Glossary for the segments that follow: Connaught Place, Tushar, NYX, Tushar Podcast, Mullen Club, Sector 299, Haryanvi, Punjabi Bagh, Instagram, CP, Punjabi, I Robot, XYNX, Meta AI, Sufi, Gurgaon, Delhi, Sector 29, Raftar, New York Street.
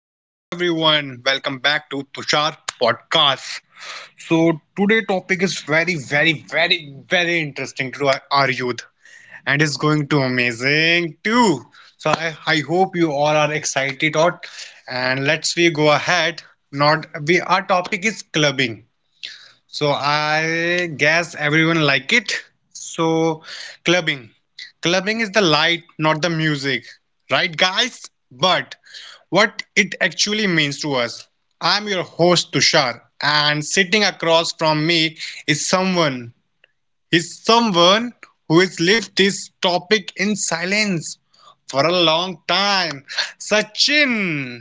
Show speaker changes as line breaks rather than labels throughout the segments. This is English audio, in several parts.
Hello everyone, welcome back to Tushar Podcast. So today topic is very very very very interesting to our youth and it's going to amazing too. So I hope you all are excited out and let's we go ahead. Not we our topic is clubbing. So I guess everyone like it. So clubbing. Clubbing is the light, not the music. Right guys? But what it actually means to us. I'm your host Tushar and sitting across from me is someone is someone who has lived this topic in silence for a long time. Sachin.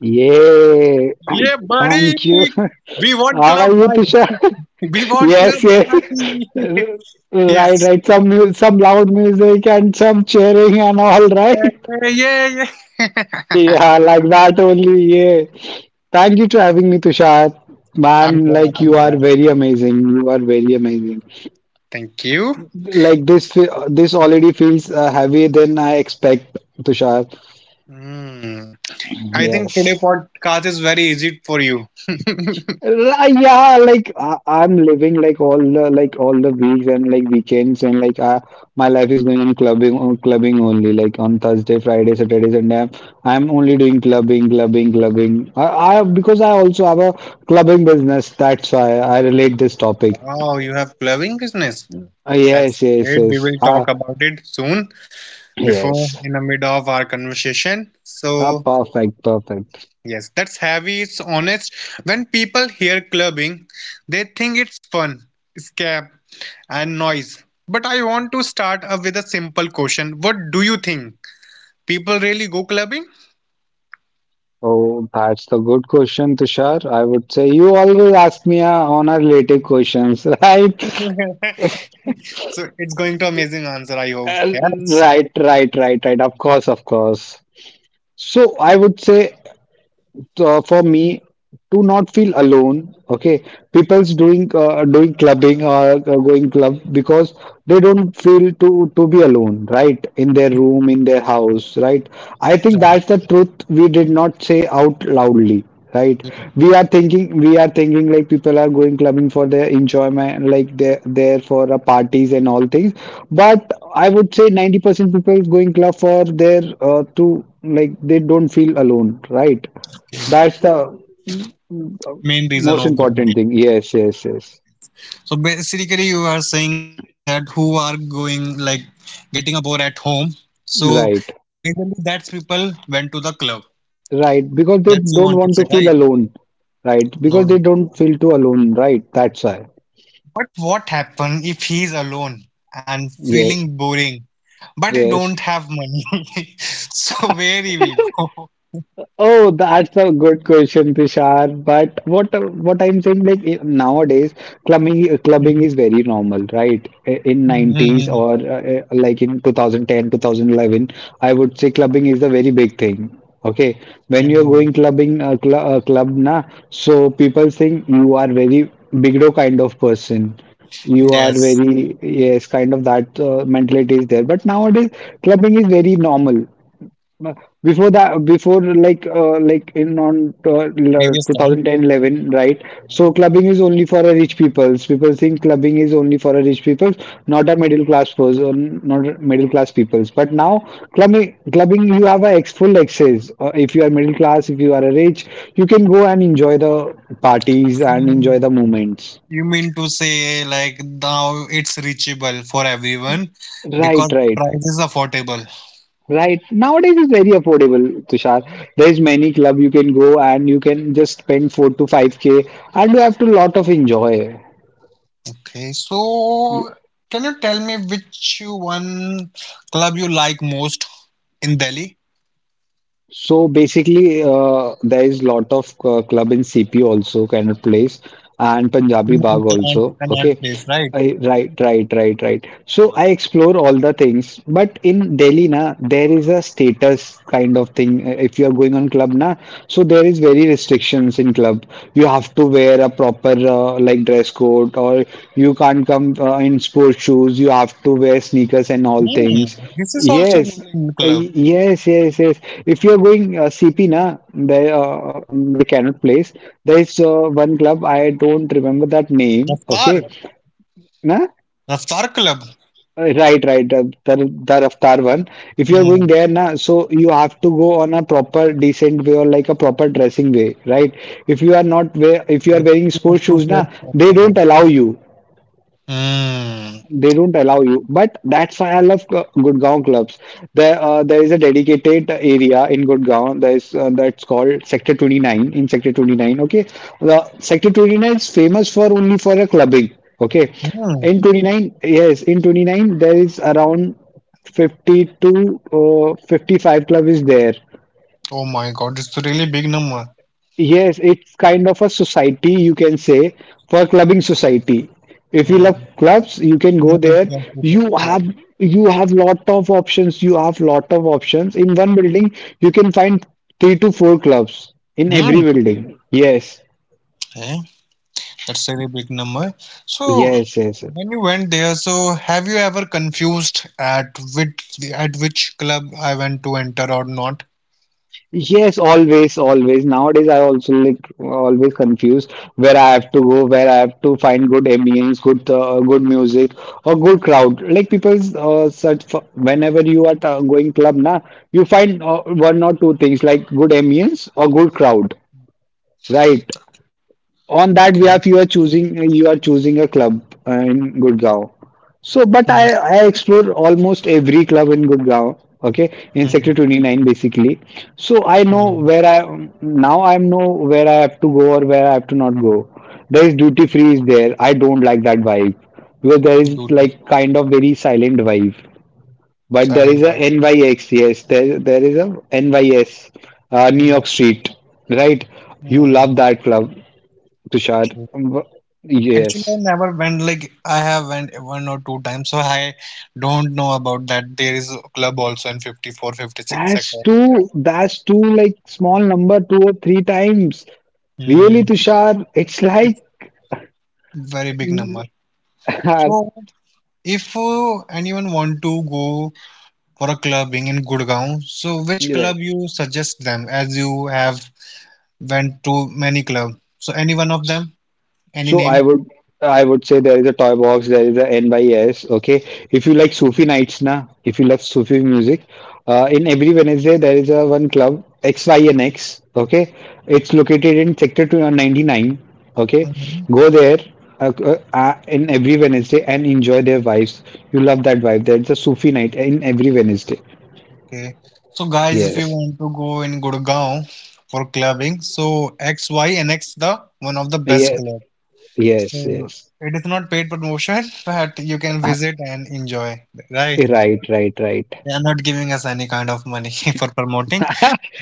Yeah,
Yeah, buddy.
thank you.
We want
How
club
are you,
vibe.
Tushar?
We want club
Yes, yes.
party.
Right,
Yes.
right. Some loud music and some cheering and all, right?
Yeah, yeah, yeah. Yeah.
Yeah, like that only. Yeah. Thank you for having me, Tushar.
I'm
Man,
glad.
like you
I'm
are
glad.
very amazing. You are very amazing.
Thank you.
Like this already feels heavy than I expect, Tushar.
Hmm. I think today
Yes.
podcast is very easy for you.
Uh, Yeah, like I'm living like all the weeks and like weekends and like I, my life is going on clubbing only like on Thursday, Friday, Saturday, Sunday. I'm only doing clubbing, clubbing, clubbing. I because I also have a clubbing business. That's why I relate this topic.
Wow, you have clubbing business. That's
Yes, yes,
great. We
yes.
will talk about it soon before
Yes.
in the mid of our conversation. So
Perfect, perfect.
yes, that's heavy. It's honest. When people hear clubbing, they think it's fun, escape, and noise. But I want to start up with a simple question. What do you think? People really go clubbing?
Oh, that's the good question, Tushar. I would say you always ask me on our related questions, right?
So it's going to amazing answer, I hope.
Uh,
Yes.
Right, right, right, right. Of course, of course. So I would say for me to not feel alone, okay, people's doing doing clubbing or going club because they don't feel to be alone, right, in their room, in their house, right? I think
Right.
that's the truth we did not say out loudly, right? We are thinking like people are going clubbing for their enjoyment, like they're there for parties and all things. But I would say 90% people is going club for their to, like, they don't feel alone, right?
Okay.
That's the mm, mm, uh,
Main reason
most
of going
important
there.
thing. Yes, yes, yes.
So basically you are saying that who are going like getting a bore at home. So
Right,
mainly that's people went to the club.
right.
That's you
Because
want
they
to say,
don't
right?
want to feel alone, right?
No.
Because they don't feel too alone, right? That's why.
But what happen if he's alone and feeling
Yes,
boring, but he don't have
yes.
money? So where he will go?
Oh, that's a good question, Prishar. But what I'm saying, like, nowadays,
Mhm,
clubbing clubbing is very normal, right? In
mhm,
90s or like in 2010, 2011, I would say clubbing is a very big thing. Okay,
mhm.
when you're going clubbing, cl club na, so people think you are very bigdo kind of person. You are
Yes,
very, yes, kind of that mentality is there. But nowadays, clubbing is very normal. No, before that, before like in on
previous
2010, right?
time.
So clubbing is only for a rich peoples. People think clubbing is only for a rich peoples, not a middle class person, not a middle class peoples. But now clubbing, you have a ex full access. If you are middle class, if you are a rich, you can go and enjoy the parties and enjoy
So
the moments.
you mean to say like now it's reachable for everyone
Right,
because the
right.
price is affordable.
Right. Nowadays it's very affordable, Tushar.
Mm.
There's many club you can go and you can just spend 4 to 5K and you have to lot of enjoy.
Okay, so can you tell me which one club you like most in Delhi?
So basically, there is lot of club in CP also kind of place, and
You
Punjabi
mean
Bagh
Connaught
also.
Connaught
Okay,
Place, right?
right, right, right, right. So
Yeah.
I explore all the things, but in Delhi, na, there is a status kind of thing. If you are going on club, na, so there is very restrictions in club. You have to wear a proper like dress code, or you can't come in sports shoes. You have to wear sneakers and all
Hmm,
things.
this is also
Yes.
Mullen Club.
Yes, yes, yes. If you're going CP na, the like cannot place. There is one club, I don't remember that name. Okay,
Raftar.
na
Raftar Club.
Right, right. Taraftar one. If you're going
Hmm.
there, na, so you have to go on a proper decent way or like a proper dressing way, right? If you
I
are
think
wearing
I have
sports
to
shoes, na,
get that
they
number.
don't allow you.
Hmm.
They don't allow you, but that's why I love Gurgaon clubs. There is a dedicated area in Gurgaon. There is that's called Sector 29. In Sector 29, okay, the Sector 29 is famous for only for a clubbing. Okay,
Hmm.
in 29, yes, in 29 there is around 50 to 55 club is there.
Oh my God, it's a really big number.
Yes, it's kind of a society, you can say, for clubbing society. If you love
Hmm.
clubs, you can
So
go
many
there.
clubs. Is it?
You have you have lot of options. You have lot of options. In one building, you can find three to four clubs in every
Hmm.
building. Yes,
Eh, that's a really big number. So,
yes, yes. Yes.
when you went there, so have you ever confused at which club I went to enter or not?
Yes, always, always. Nowadays, I also like always confused where I have to go, where I have to find good ambience, good music, or good crowd. Like people, search for whenever you are going club, na, you find one or two things like good ambience or good crowd, right? On
Okay.
that behalf, you are choosing a club in Gurgaon. So,
Hmm.
but I explore almost every club in Gurgaon, okay,
Hmm.
in Sector 29 basically. So I
Hmm.
know where I now I know where I have to go or where I have to not go. There is duty free is there. I don't like that vibe because
Due
there
to
is like kind of very silent vibe.
silent
But there
vibe.
is a NYX, yes, there is a NYS, New York
Hmm.
Street, right? You love that club, Tushar.
Okay. Actually, I
Yes.
never went like I have went one or two times, so I don't know about that. There is a club also in 54, 56 sector.
That's too like small number, two or three times. Really,
Hmm,
Tushar, it's
it's
like,
very big
you're
number. So if anyone want to go for a clubbing in Gurgaon, so which
right.
club you suggest them as you have went to many club? So any one of them, any
So I
name?
would I would say there is a toy box, there is a N by S. Okay, if you like Sufi nights, na, if you love Sufi music, in every Wednesday there is a one club XYNX. Okay, it's located in Sector 299. Okay, go there. In every Wednesday and enjoy their vibes. You love that vibe. That's a Sufi night in every Wednesday.
Okay. So guys, if you
Yes.
want to go in Gurgaon for clubbing, so XYNX the one of the best
Yes.
club.
Yes.
So
Yes.
it is not paid promotion, but you can visit and enjoy, right?
Right. Right. Right.
They are not giving us any kind of money for promoting,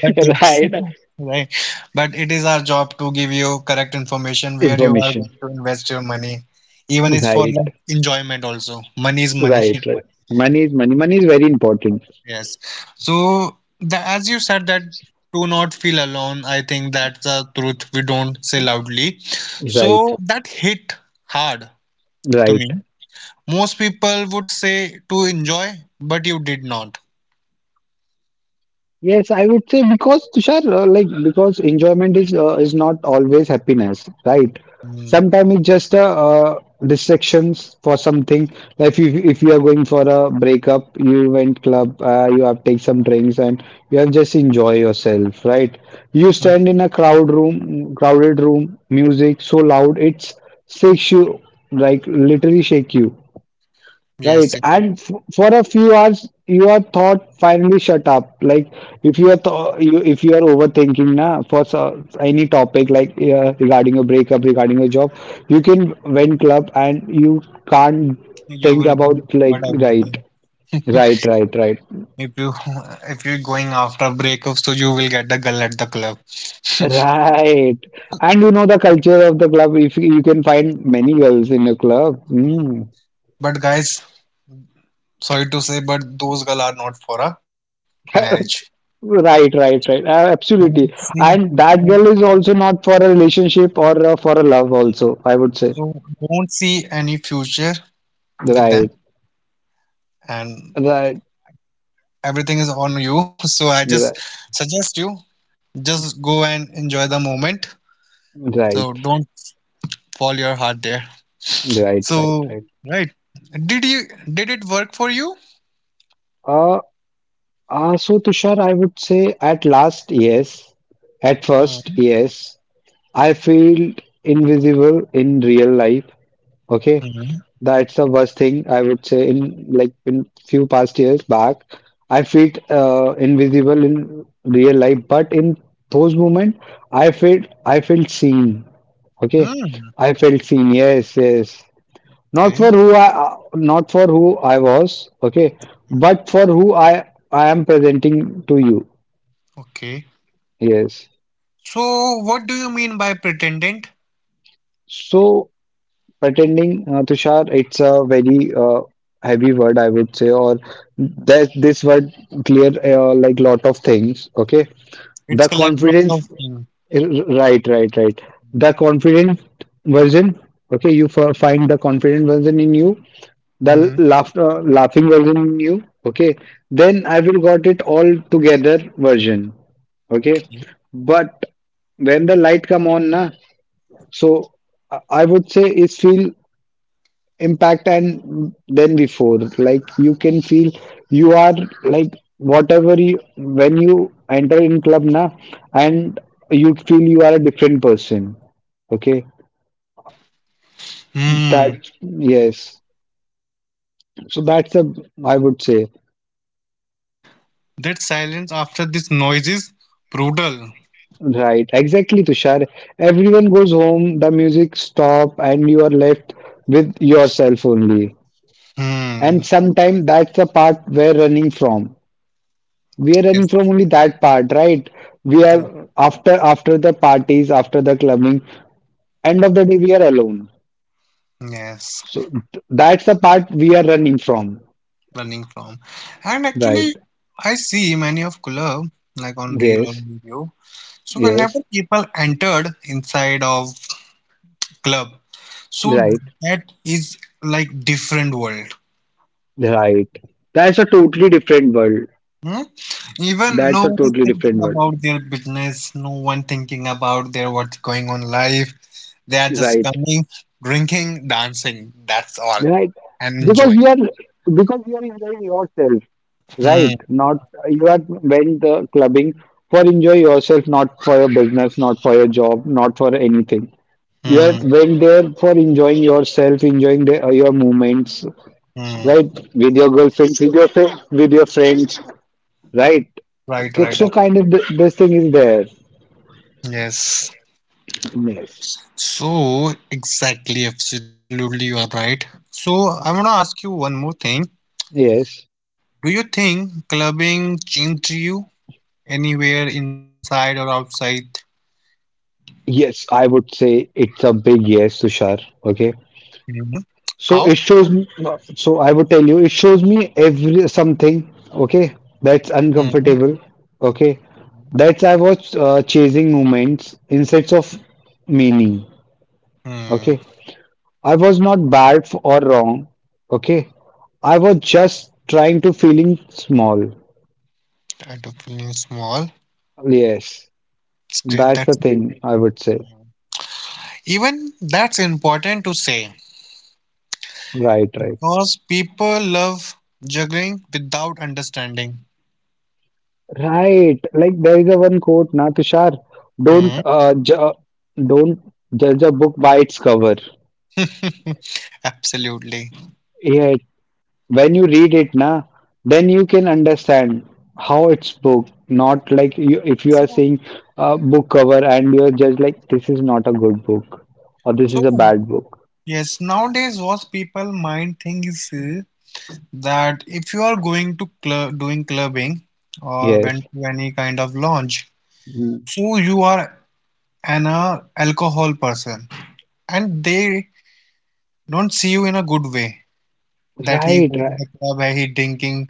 but yes,
right.
right. But it is our job to give you correct information where you are
Information.
going to invest your money. Even it's for
Right.
like enjoyment also. Money is
Right,
money.
right. Money is money. Money is very important.
Yes. So as you said that do not feel alone, I think that's the truth we don't say loudly.
Right,
So that hit hard to
right.
me. Most people would say to enjoy, but you did not.
Yes, I would say because Tushar, like because enjoyment is not always happiness, right?
Mm,
Sometimes it's just a distractions for something. Like if you are going for a breakup, you went club, you have take some drinks, and you have just enjoy yourself, right? You
mm.
stand in a crowd room, crowded room, music so loud it's shakes you, like literally shake you. Right,
Yes, yes.
and f for a few hours, you are thought finally shut up. Like if you are th you if you are overthinking, na, for so, any topic like regarding a breakup, regarding a job, you can vent club and you can't
You
think
will
about
but
like right,
everything.
right, right, right,
If you if you're going after breakup, so you will get the girl at the club.
right. And you know the culture of the club. If you can find many girls in a club, mm.
But guys, sorry to say, but those girl are not for a marriage.
Right, right, right.
Don't
Absolutely.
say-
And that girl is also not for a relationship or for a love, also, I
So
would say.
don't see any future with them,
Right,
and
right,
everything is on you. So I just
right,
suggest you just go and enjoy the moment. So
right,
don't fall your heart there.
right, right,
So,
right.
right. Did you did it work for you?
Uh, so, Tushar, I would say at last, yes. At first, yes. I feel invisible in real life. Okay.
Mm-hmm.
That's the worst thing I would say in in few past years back. I felt invisible in real life, but in those moments, I felt seen.
Okay.
Okay, I felt seen. Yes, yes. Not for who not for who I was. Okay,
Okay.
but for who I am presenting to you.
Okay.
Yes.
So, what do you mean by pretendant?
So pretending Tushar, it's a very heavy word, I would say, or that this word clear like lot of things. Okay,
It's
the
collect lot of
confidence,
things.
right, right, right. The confident version. Okay, you find the confident version in you,
Hmm.
laughing version in you. Okay, then I will got it all together version. Okay,
Okay.
but when the light come on, na, so I would say it's feel impact and than before, like you can feel you are, like whatever you, when you enter in club now, and you feel you are a different person, okay,
Hmm.
that, yes, so that's a, I would say,
That silence after this noise is brutal.
right, exactly, Tushar. Everyone goes home, the music stop and you are left with yourself only.
Hmm.
And sometimes that's the part we're running from. We are running from
Yes.
only that part, right? We are
Yeah.
after the parties, after the clubbing, end of the day we are alone.
Yes,
So that's the part we are running from,
running from. And
right?
actually, I see many of club like on reel or
Yes,
video. So whenever
yes,
people entered inside of club, so
right,
that is like different world.
right. That's a totally different world.
Hmm? Even no
That's a
one is
totally
thinking
different world,
about their business, no one thinking about their what's going on life. They are just
right,
coming, drinking, dancing. That's all,
right.
and
Because
enjoying.
you are because you are enjoying yourself,
Hmm.
right, not, you are went the clubbing for enjoy yourself, not for your business, not for your job, not for anything. You
Hmm.
have went there for enjoying yourself, enjoying the, your moments,
Hmm.
right? With your girlfriend, with your with your friends, right?
Right. Right.
So kind of this thing is there.
Yes.
Yes.
So, exactly, absolutely, you are right. So, I want to ask you one more thing.
Yes.
Do you think clubbing changed you anywhere inside or outside?
Yes, I would say it's a big yes, Tushar. Okay.
Hmm. How?
So it shows me, so I would tell you, it shows me every something, okay, that's
Hmm.
uncomfortable, okay, that's I was chasing moments, instead of meaning,
Hmm.
okay. I was not bad or wrong. Okay. I was just trying to feeling small.
I definitely small.
Yes.
It's great.
That's the
That's
thing I would say.
even that's important to say
Right, right.
because people love juggling without understanding.
Right. Like there is a one quote, na Tushar, don't
Hmm.
uh, ju uh, don't judge a book by its cover.
Absolutely.
Yeah, when you read it, na, then you can understand how it's book. Not like you, if you are
So,
seeing a book cover and you are just like, this is not a good book or this is a
so
bad book.
yes, nowadays what people mind thinks is that if you are going to club, doing clubbing or
Yes.
went to any kind of lounge,
Mm.
so you are an alcohol person, and they don't see you in a good way. That he
Right,
go to the
right.
club, he drinking,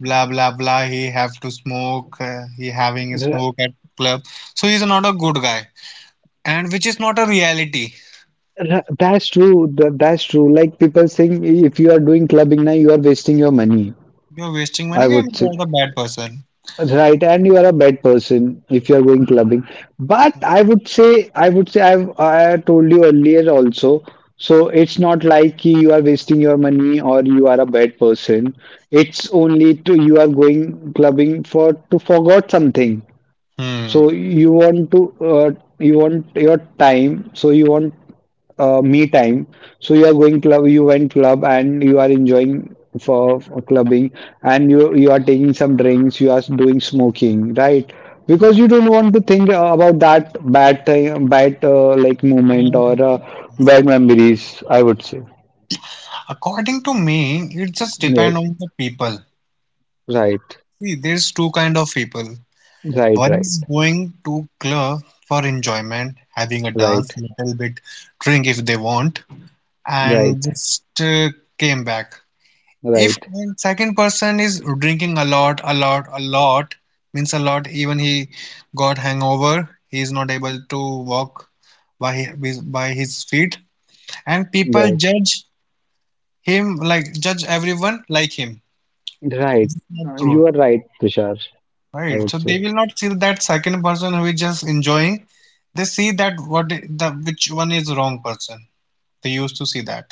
blah blah blah. He have to smoke, he having a
R-
smoke at club, so he's not a good guy, and which is not a reality.
That's true. That's true. Like people saying, if you are doing clubbing now, you are wasting your money.
You're wasting
I
money and
would say.
you're the bad person.
Right, and you are a bad person if you are going clubbing. But I would say, I would say, I told you earlier also. So it's not like ki you are wasting your money or you are a bad person. It's only to you are going clubbing for to forget something.
Hmm.
So you want to uh, you want your time. So you want me time. So you are going club, you went club, and you are enjoying for clubbing, and you are taking some drinks, you are doing smoking, right? Because
Hmm.
you don't want to think about that bad thing, bad like moment or
And
bad memories. I would say
according to me, it just depend
yes,
on the people.
right,
See, there's two kind of people.
right,
One
right,
is going to club for enjoyment, having a dance,
right,
little bit drink if they want, and
right,
just came back. If
right,
and second person is drinking a lot, a lot, a lot, means a lot, even he got hangover, he is not able to walk by by his feet, and people
right,
judge him like judge everyone like him.
right.
It's not true.
You are right, Tushar. I
Right. So
would say.
they will not see that second person who is just enjoying. They see that what the which one is wrong person. They used to see that.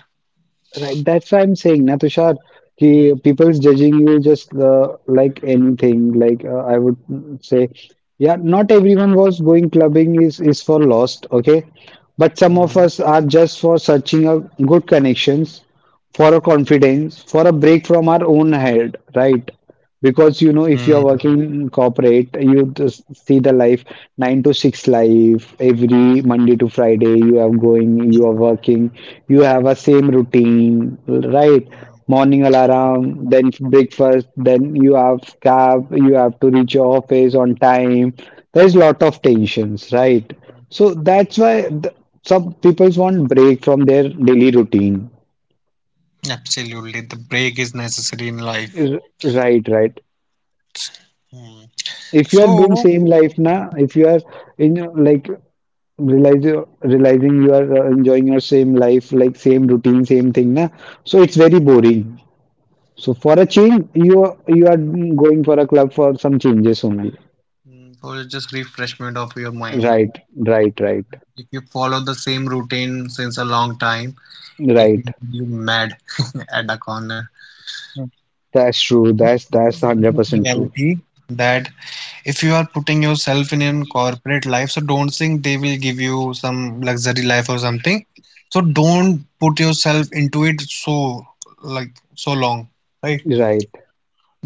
Right, that's why I'm saying, na Tushar, ki
Mm,
people's judging you just like anything. Like I would say, yeah, not everyone was going clubbing is for lost, okay? But
mm.
some of us are just for searching a good connections, for a confidence, for a break from our own head, right? Because you know,
Mm.
if you're working in corporate, you just see the life 9 to 6 life every Monday to Friday. You are
Mm,
going, you are working, you have
mm,
a same routine, right?
mm,
Morning alarm, then breakfast, then you have cab, you have to reach your office on time. There's lot of tensions, right?
mm,
So
mm.
that's why some people want break from their daily routine.
Absolutely. The break is necessary in life.
Right, right.
Mm.
If you are
So,
doing same life, na, if you are like realize realizing you are enjoying your same life, like same routine, same thing, na, so it's
mm,
very boring. So for a change you are going for a club for some changes only.
mm. So it's just refreshment of your mind.
Right, right, right,
If you follow the same routine since a long time, it will
right,
make you mad at the corner.
that's true,
But
that's 100% true.
reality that if you are putting yourself in a corporate life, so don't think they will give you some luxury life or something. So don't put yourself into it so like so long, right?
Right.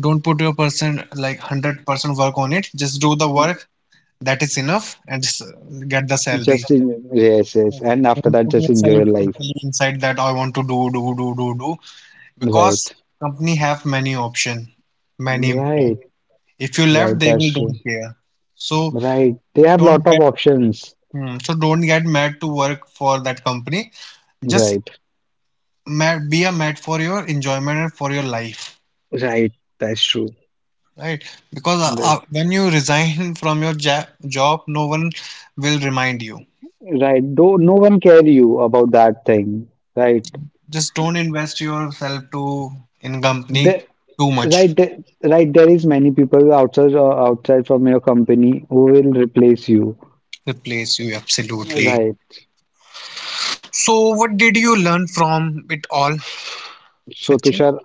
Don't put your person like 100% work on it. Just do the work that is enough and just get the salary.
Just in, yes, yes, and after
Don't
that
put
just enjoy
yourself
your life.
totally inside that I want to do, do, do, do, do. Because
Right,
company have many option, many employee.
right,
If you left,
right,
they
that's
will
true.
don't care. So
Right, they have
don't
lot of
get
options.
Hmm, so don't get mad to work for that company. Just
Right.
mad, be a mad for your enjoyment and for your life,
Right, that's true.
right? Because
Right.
when you resign from your ja job, no one will remind you.
Right, though no one care you about that thing, right?
Just don't invest yourself to in company
The,
too
right,
much.
the right. There is many people outside outside from your company who will replace you,
Replace you absolutely.
right?
So what did you learn from it all,
So
Sachin?
Tushar,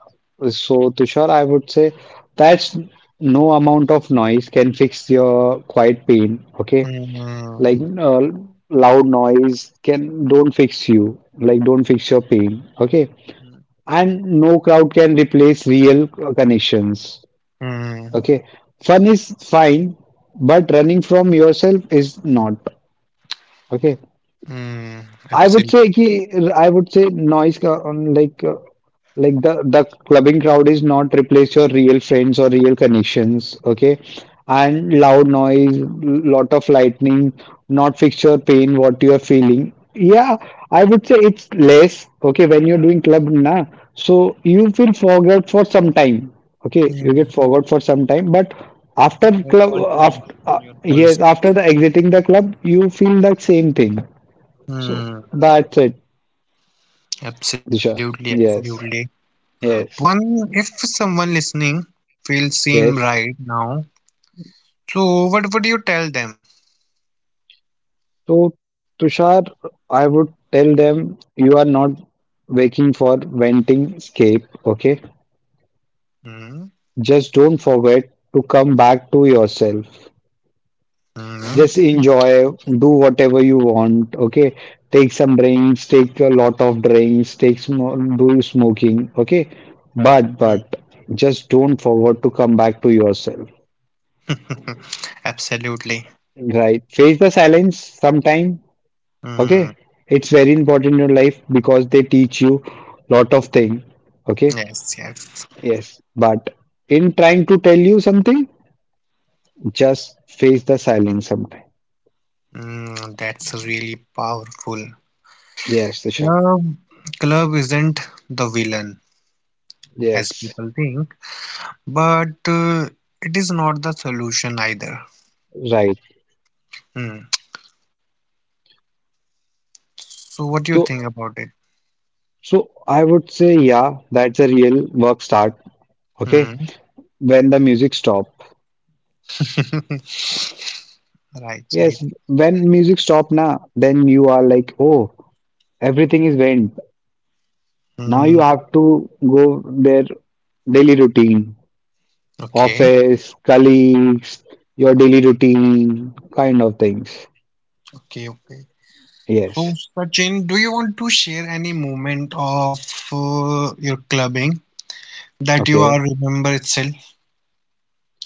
so Tushar, I would say that's no amount of noise can fix your quiet pain. Okay,
Hmm,
like loud noise can don't fix you, like don't fix your pain. Okay, and no crowd can replace real connections.
hmm,
Okay, fun is fine, but running from yourself is not. Okay,
hmm,
I would
absolutely.
say ki, I would say noise ka, like the clubbing crowd is not replace your real friends or real connections. Okay, and loud noise, lot of lightning, not fix your pain, what you are feeling. Yeah, I would say it's less. Okay, when you're doing club, na, so you feel forgot for some time. Okay, you get
Hmm.
forgot for some time, but after
Your
club
all
after
attention, your all.
yes, after the exiting the club, you feel the same thing. So
Hmm.
that's it, Disha.
Absolutely,
Yes,
absolutely. One,
yes,
if someone listening feels same
yes.
right now, so what would you tell them?
So, Tushar, I would tell them you are not waking for venting escape, okay?
Hmm?
Just don't forget to come back to yourself.
Hmm?
Just enjoy, do whatever you want, okay? Take some drinks, take a lot of drinks, take sm do smoking, okay? But,
Hmm.
but, just don't forget to come back to yourself,
Absolutely.
right? Face the silence sometime,
Hmm.
okay, it's very important in your life because they teach you lot of thing, okay.
Yes, yes.
Yes, but in trying to tell you something, just face the silence sometime.
Hmm. That's really powerful.
Yes, Isha.
Club, club isn't the villain as
Yes,
people think, but it is not the solution either.
right.
Hmm. So what do you
so
think about it?
so I would say, yeah, that's a real work start. Okay,
Hmm.
when the music stop.
Right,
Yes,
right.
when music stop now, then you are like, oh, everything is went. Now you
Hmm.
have to go their daily routine,
Okay,
office, colleagues, your daily routine, kind of things.
okay, okay. So,
Yes.
Sachin, do you want to share any moment of your clubbing that you
Okay.
are remember itself?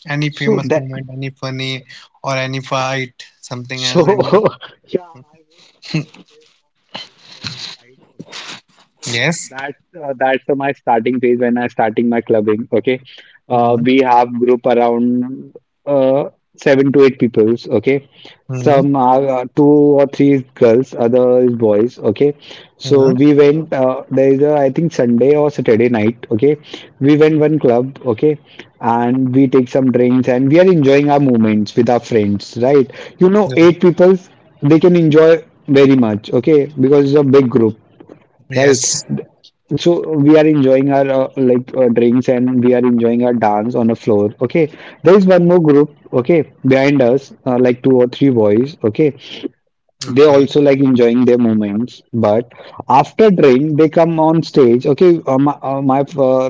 Any
So
famous
that
moment, any funny, or any fight, something
so
else? Any?
yeah, I would say. One side. So
Yes.
that's that's my starting phase when I starting my clubbing. Okay,
Mm-hmm.
we have group around uh, seven to eight peoples. Okay,
Mm-hmm.
some are two or three girls, other is boys. Okay, so
Hmm.
we went. There is a I think Sunday or Saturday night. Okay, we went one club. Okay, and we take some drinks and we are enjoying our moments with our friends. Right, eight peoples they can enjoy very much. Okay, because it's a big group, right.
Yes.
So we are enjoying our like drinks and we are enjoying our dance on the floor. Okay, there is one more group. Okay, behind us, like two or three boys. Okay, they
Okay.
also like enjoying their moments, but after drink they come on stage. Okay, my, my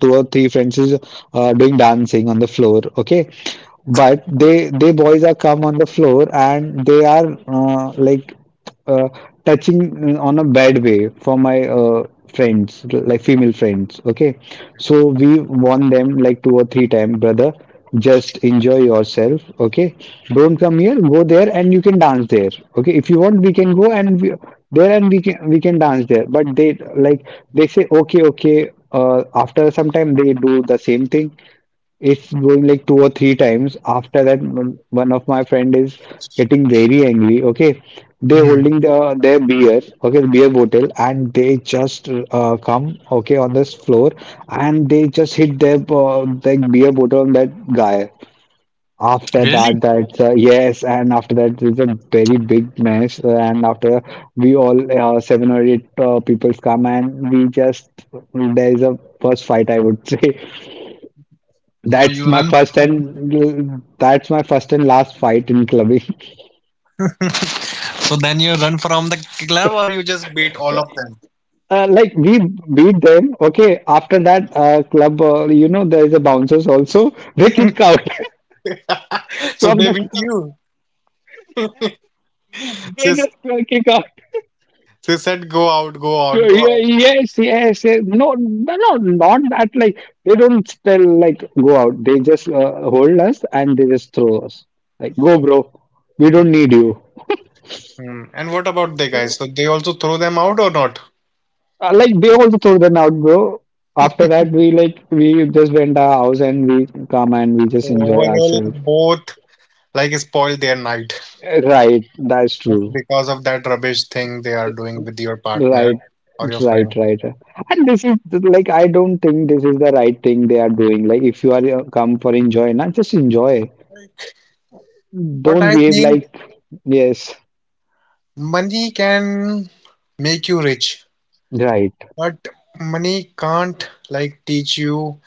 two or three friends is doing dancing on the floor. Okay, but they boys are come on the floor and they are like uh, touching on a bad way for my friends, like female friends. Okay, so we warn them like two or three times, brother. Just enjoy yourself. Okay, don't come here. Go there, and you can dance there. Okay, if you want, we can go and we, there, and we can dance there. But they like they say okay, okay. After some time, they do the same thing. It's going like two or three times. After that, one of my friend is getting very angry. Okay, they
Hmm.
holding their beer, okay, the beer bottle, and they just come okay on this floor, and they just hit their beer bottle on that guy.
Really?
After that, that's yes, and after that, there's a very big mess. And after we all seven or eight people come, and we just, there's a first fight, I would say.
So you run.
That's my first and last fight in clubbing.
So then you run from the club, or you just beat all of them?
Like we beat them. Okay, after that club, there is a bouncers also. They kick out
So
from
they
the
beat
club.
you.
They
Sis,
just kick out.
sis said, "Go out, go
So,
out,
yeah.
go."
Yes, yes, yes. No, no, no, not that. Like they don't tell like go out. They just hold us and they just throw us. Like go, bro. We don't need you.
Hmm. And what about the guys? So they also throw them out or not?
Like they also throw them out, bro. After that, we, like, we just went our house and we come and we
So
just enjoy
overall,
ourselves.
both like spoil their night
Right, that's
just
true.
because of that rubbish thing they are doing with your partner
Right,
or your
right,
friend.
right. And this is like I don't think this is the right thing they are doing. Like if you are come for enjoy, not just enjoy.
What
Don't
I
behave
think,
like, yes,
money can make you rich,
right.
but money can't like teach you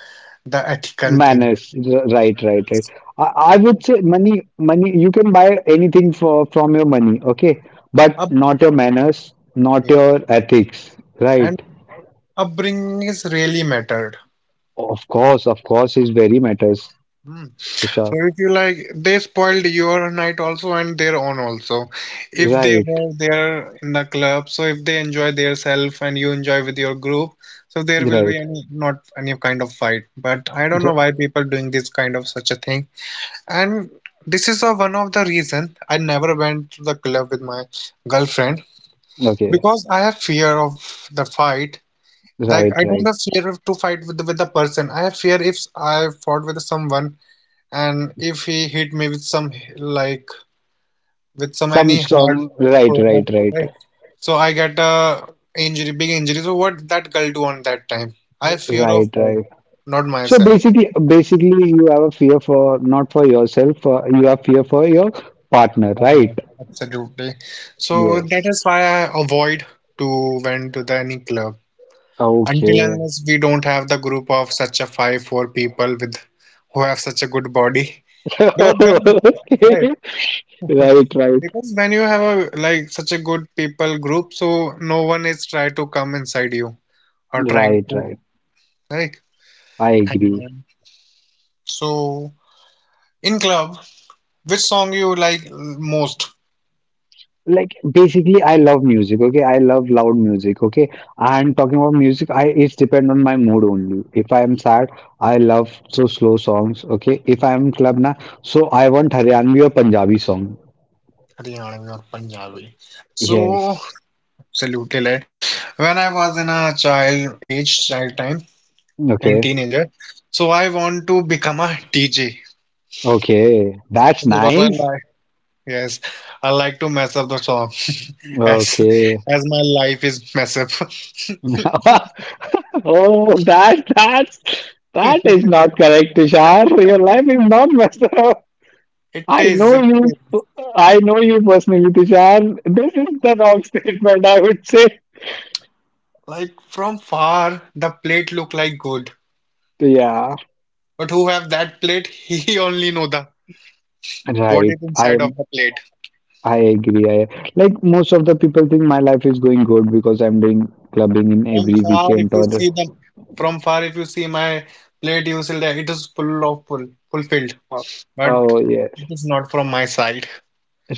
the ethical thing.
Manners, right, right, right. I, I would say money, money. You can buy anything for from your money, okay, but
Up,
not your manners, not
yeah.
your ethics,
And
right?
upbringing is really mattered.
Of course, is very matters,
Hmm. So
Tushar.
if you like, they spoiled your night also and their own also. If they
Right,
were there in the club, so if they enjoy their self and you enjoy with your group, so there will be
right,
any not any kind of fight. But I don't know
Th-
why people doing this kind of such a thing. And this is a, one of the reason I never went to the club with my girlfriend
okay,
because I have fear of the fight. Like
right,
I don't
right.
have fear of to fight with the, person. I have fear if I fought with someone and if he hit me with some like with some
Some
any hard
strong, right,
product,
right, right,
right? So I get a injury, big injury. So what that girl do on that time? I fear of
right,
her,
right.
not
So
myself.
basically, you have a fear for not for yourself, you have fear for your partner,
Not
right?
my- Absolutely. So that
Yes.
is why I avoid to went to the any club until
Okay.
unless we don't have the group of such a five four people with who have such a good body. Because then, right?
Okay. Right, right,
Because when you have a like such a good people group, so no one is try to come inside you or trying
right,
to
right.
right.
I
And
agree.
then, so in club, which song you like most?
Like basically, I love music. Okay, I love loud music. Okay, and
Hmm,
talking about music, I it's depend on my mood only. If I am sad, I love so slow songs. Okay, if I am club, na, so I want Haryanvi or Punjabi song.
Haryanvi or Punjabi. So
Yes.
absolutely like when I was in a child age, child time and
Okay.
teenager, so I want to become a DJ
Okay. That's
because I
nice.
like yes, I like to mess up the song. as
Okay.
as my life is mess up.
Oh, that is not correct, Tushar. Your life is not messed up.
It
I
is, it
know
is.
you. I know you personally, Tushar. This is the wrong statement. I would say.
Like from far, the plate look like good,
Yeah,
but who have that plate? He only know the what is
right. I
inside of
am.
the plate.
I agree. I like most of the people think my life is going good because I'm doing clubbing in
From
every
far, if
weekend
you
or.
see them, from far, if you see my plate, you will say that it is full of full, fulfilled,
Oh,
but
oh, yeah.
it is not from my side.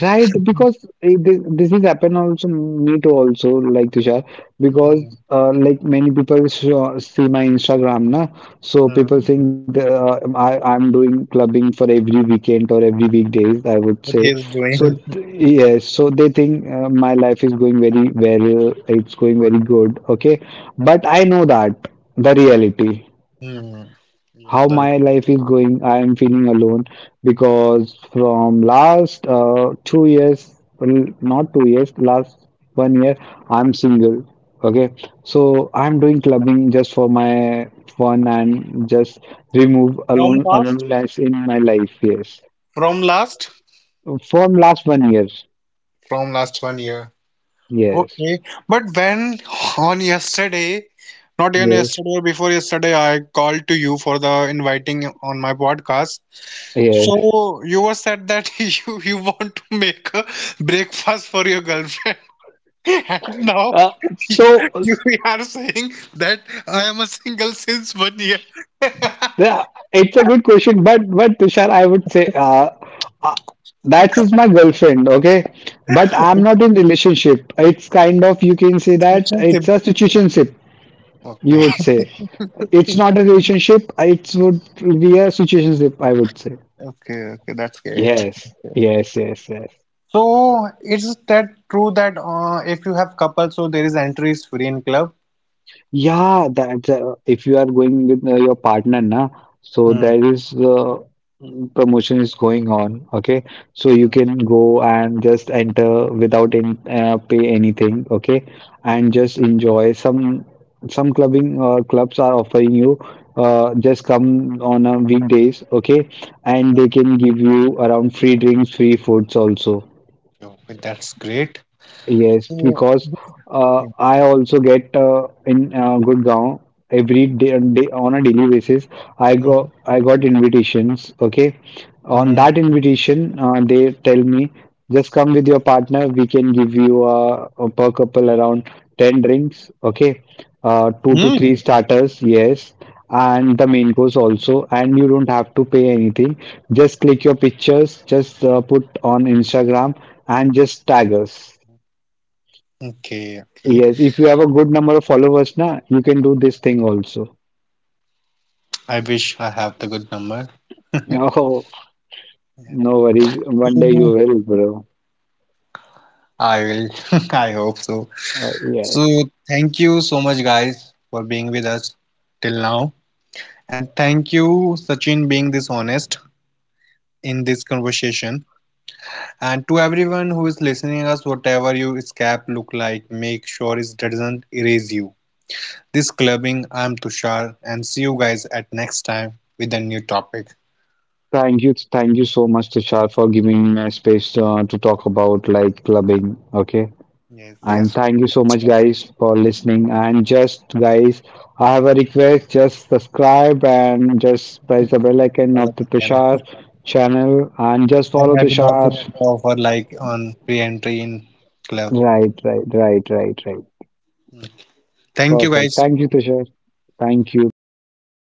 Right, because this is happen also me too also, like Tushar, because
Hmm,
like many people see my Instagram, na, so people
hmm.
think that, I'm doing clubbing for every weekend or every weekdays, I would
What
say.
he is
So
doing
yes, so they think my life is going very well, it's going
good.
very good, okay. But I know that the reality
Hmm. You know
how
the-
my life is going. I am feeling alone because from last 2 years, not 2 years, last 1 year, I'm single, okay. So
Hmm.
I'm doing clubbing just for my fun and just remove
From last,
aloneness in my life. Yes,
from last,
from last 1 year.
from last one year.
Yes,
Okay, but when on yesterday, not even
yes,
yesterday or before yesterday, I called to you for the inviting on my podcast.
yes.
So you were said that you want to make a breakfast for your girlfriend, and now
uh, so,
you are saying that I am a single since one year.
yeah, it's a good question, but Tushar, I would say uh, that is my girlfriend, okay? But I'm not in relationship. It's kind of you can say that
Relationship.
it's a situationship, you
Okay,
would say. It's not a relationship, it would be a situationship, I would say.
okay, okay, that's great.
Yes, yes, yes, yes.
So is that true that if you have couple, so there is entry is free in club?
Yeah, that's if you are going with your partner, na, so
Hmm.
there is promotion is going on. Okay, so you
Hmm.
can go and just enter without any pay anything. Okay, and
Mhm.
just enjoy some clubbing, clubs are offering you just come on a weekdays. Okay, and they can give you around free drinks, free foods also.
Okay, that's great.
Yes,
So,
because
yeah.
I also get in Gurgaon every day, on a daily basis.
Mhm.
I got invitations. Okay, on
Mhm.
that invitation, they tell me just come with your partner. We can give you per couple around 10 drinks. Okay, two
Mhm.
to three starters. Yes. And the main course also, and you don't have to pay anything. Just click your pictures, just put on Instagram, and just tag us.
Okay, okay.
Yes, if you have a good number of followers, na, you can do this thing also.
I wish I have the good number.
Oh, no worries. One day
Mhm.
you will, bro.
I will. I hope so. So,
Yeah.
thank you so much, guys, for being with us till now. And thank you, Sachin, being this honest in this conversation. And to everyone who is listening us, whatever your scap look like, make sure it doesn't erase you. This clubbing. I'm Tushar, and see you guys at next time with a new topic.
Thank you so much, Tushar, for giving me a space to talk about like clubbing. Okay.
Yes,
And
yes.
thank you so
That's
much,
right.
guys, for listening. And just, guys, I have a request. Just subscribe and just press the bell icon
Follow
of the
the
Tushar
camera.
channel and just
And
follow
I will also
Tushar.
get the offer like on re-entry in club.
Right, right, right, right, right.
Thank you
Perfect.
guys.
Thank you, Tushar. Thank you. Bye bye, Tushar.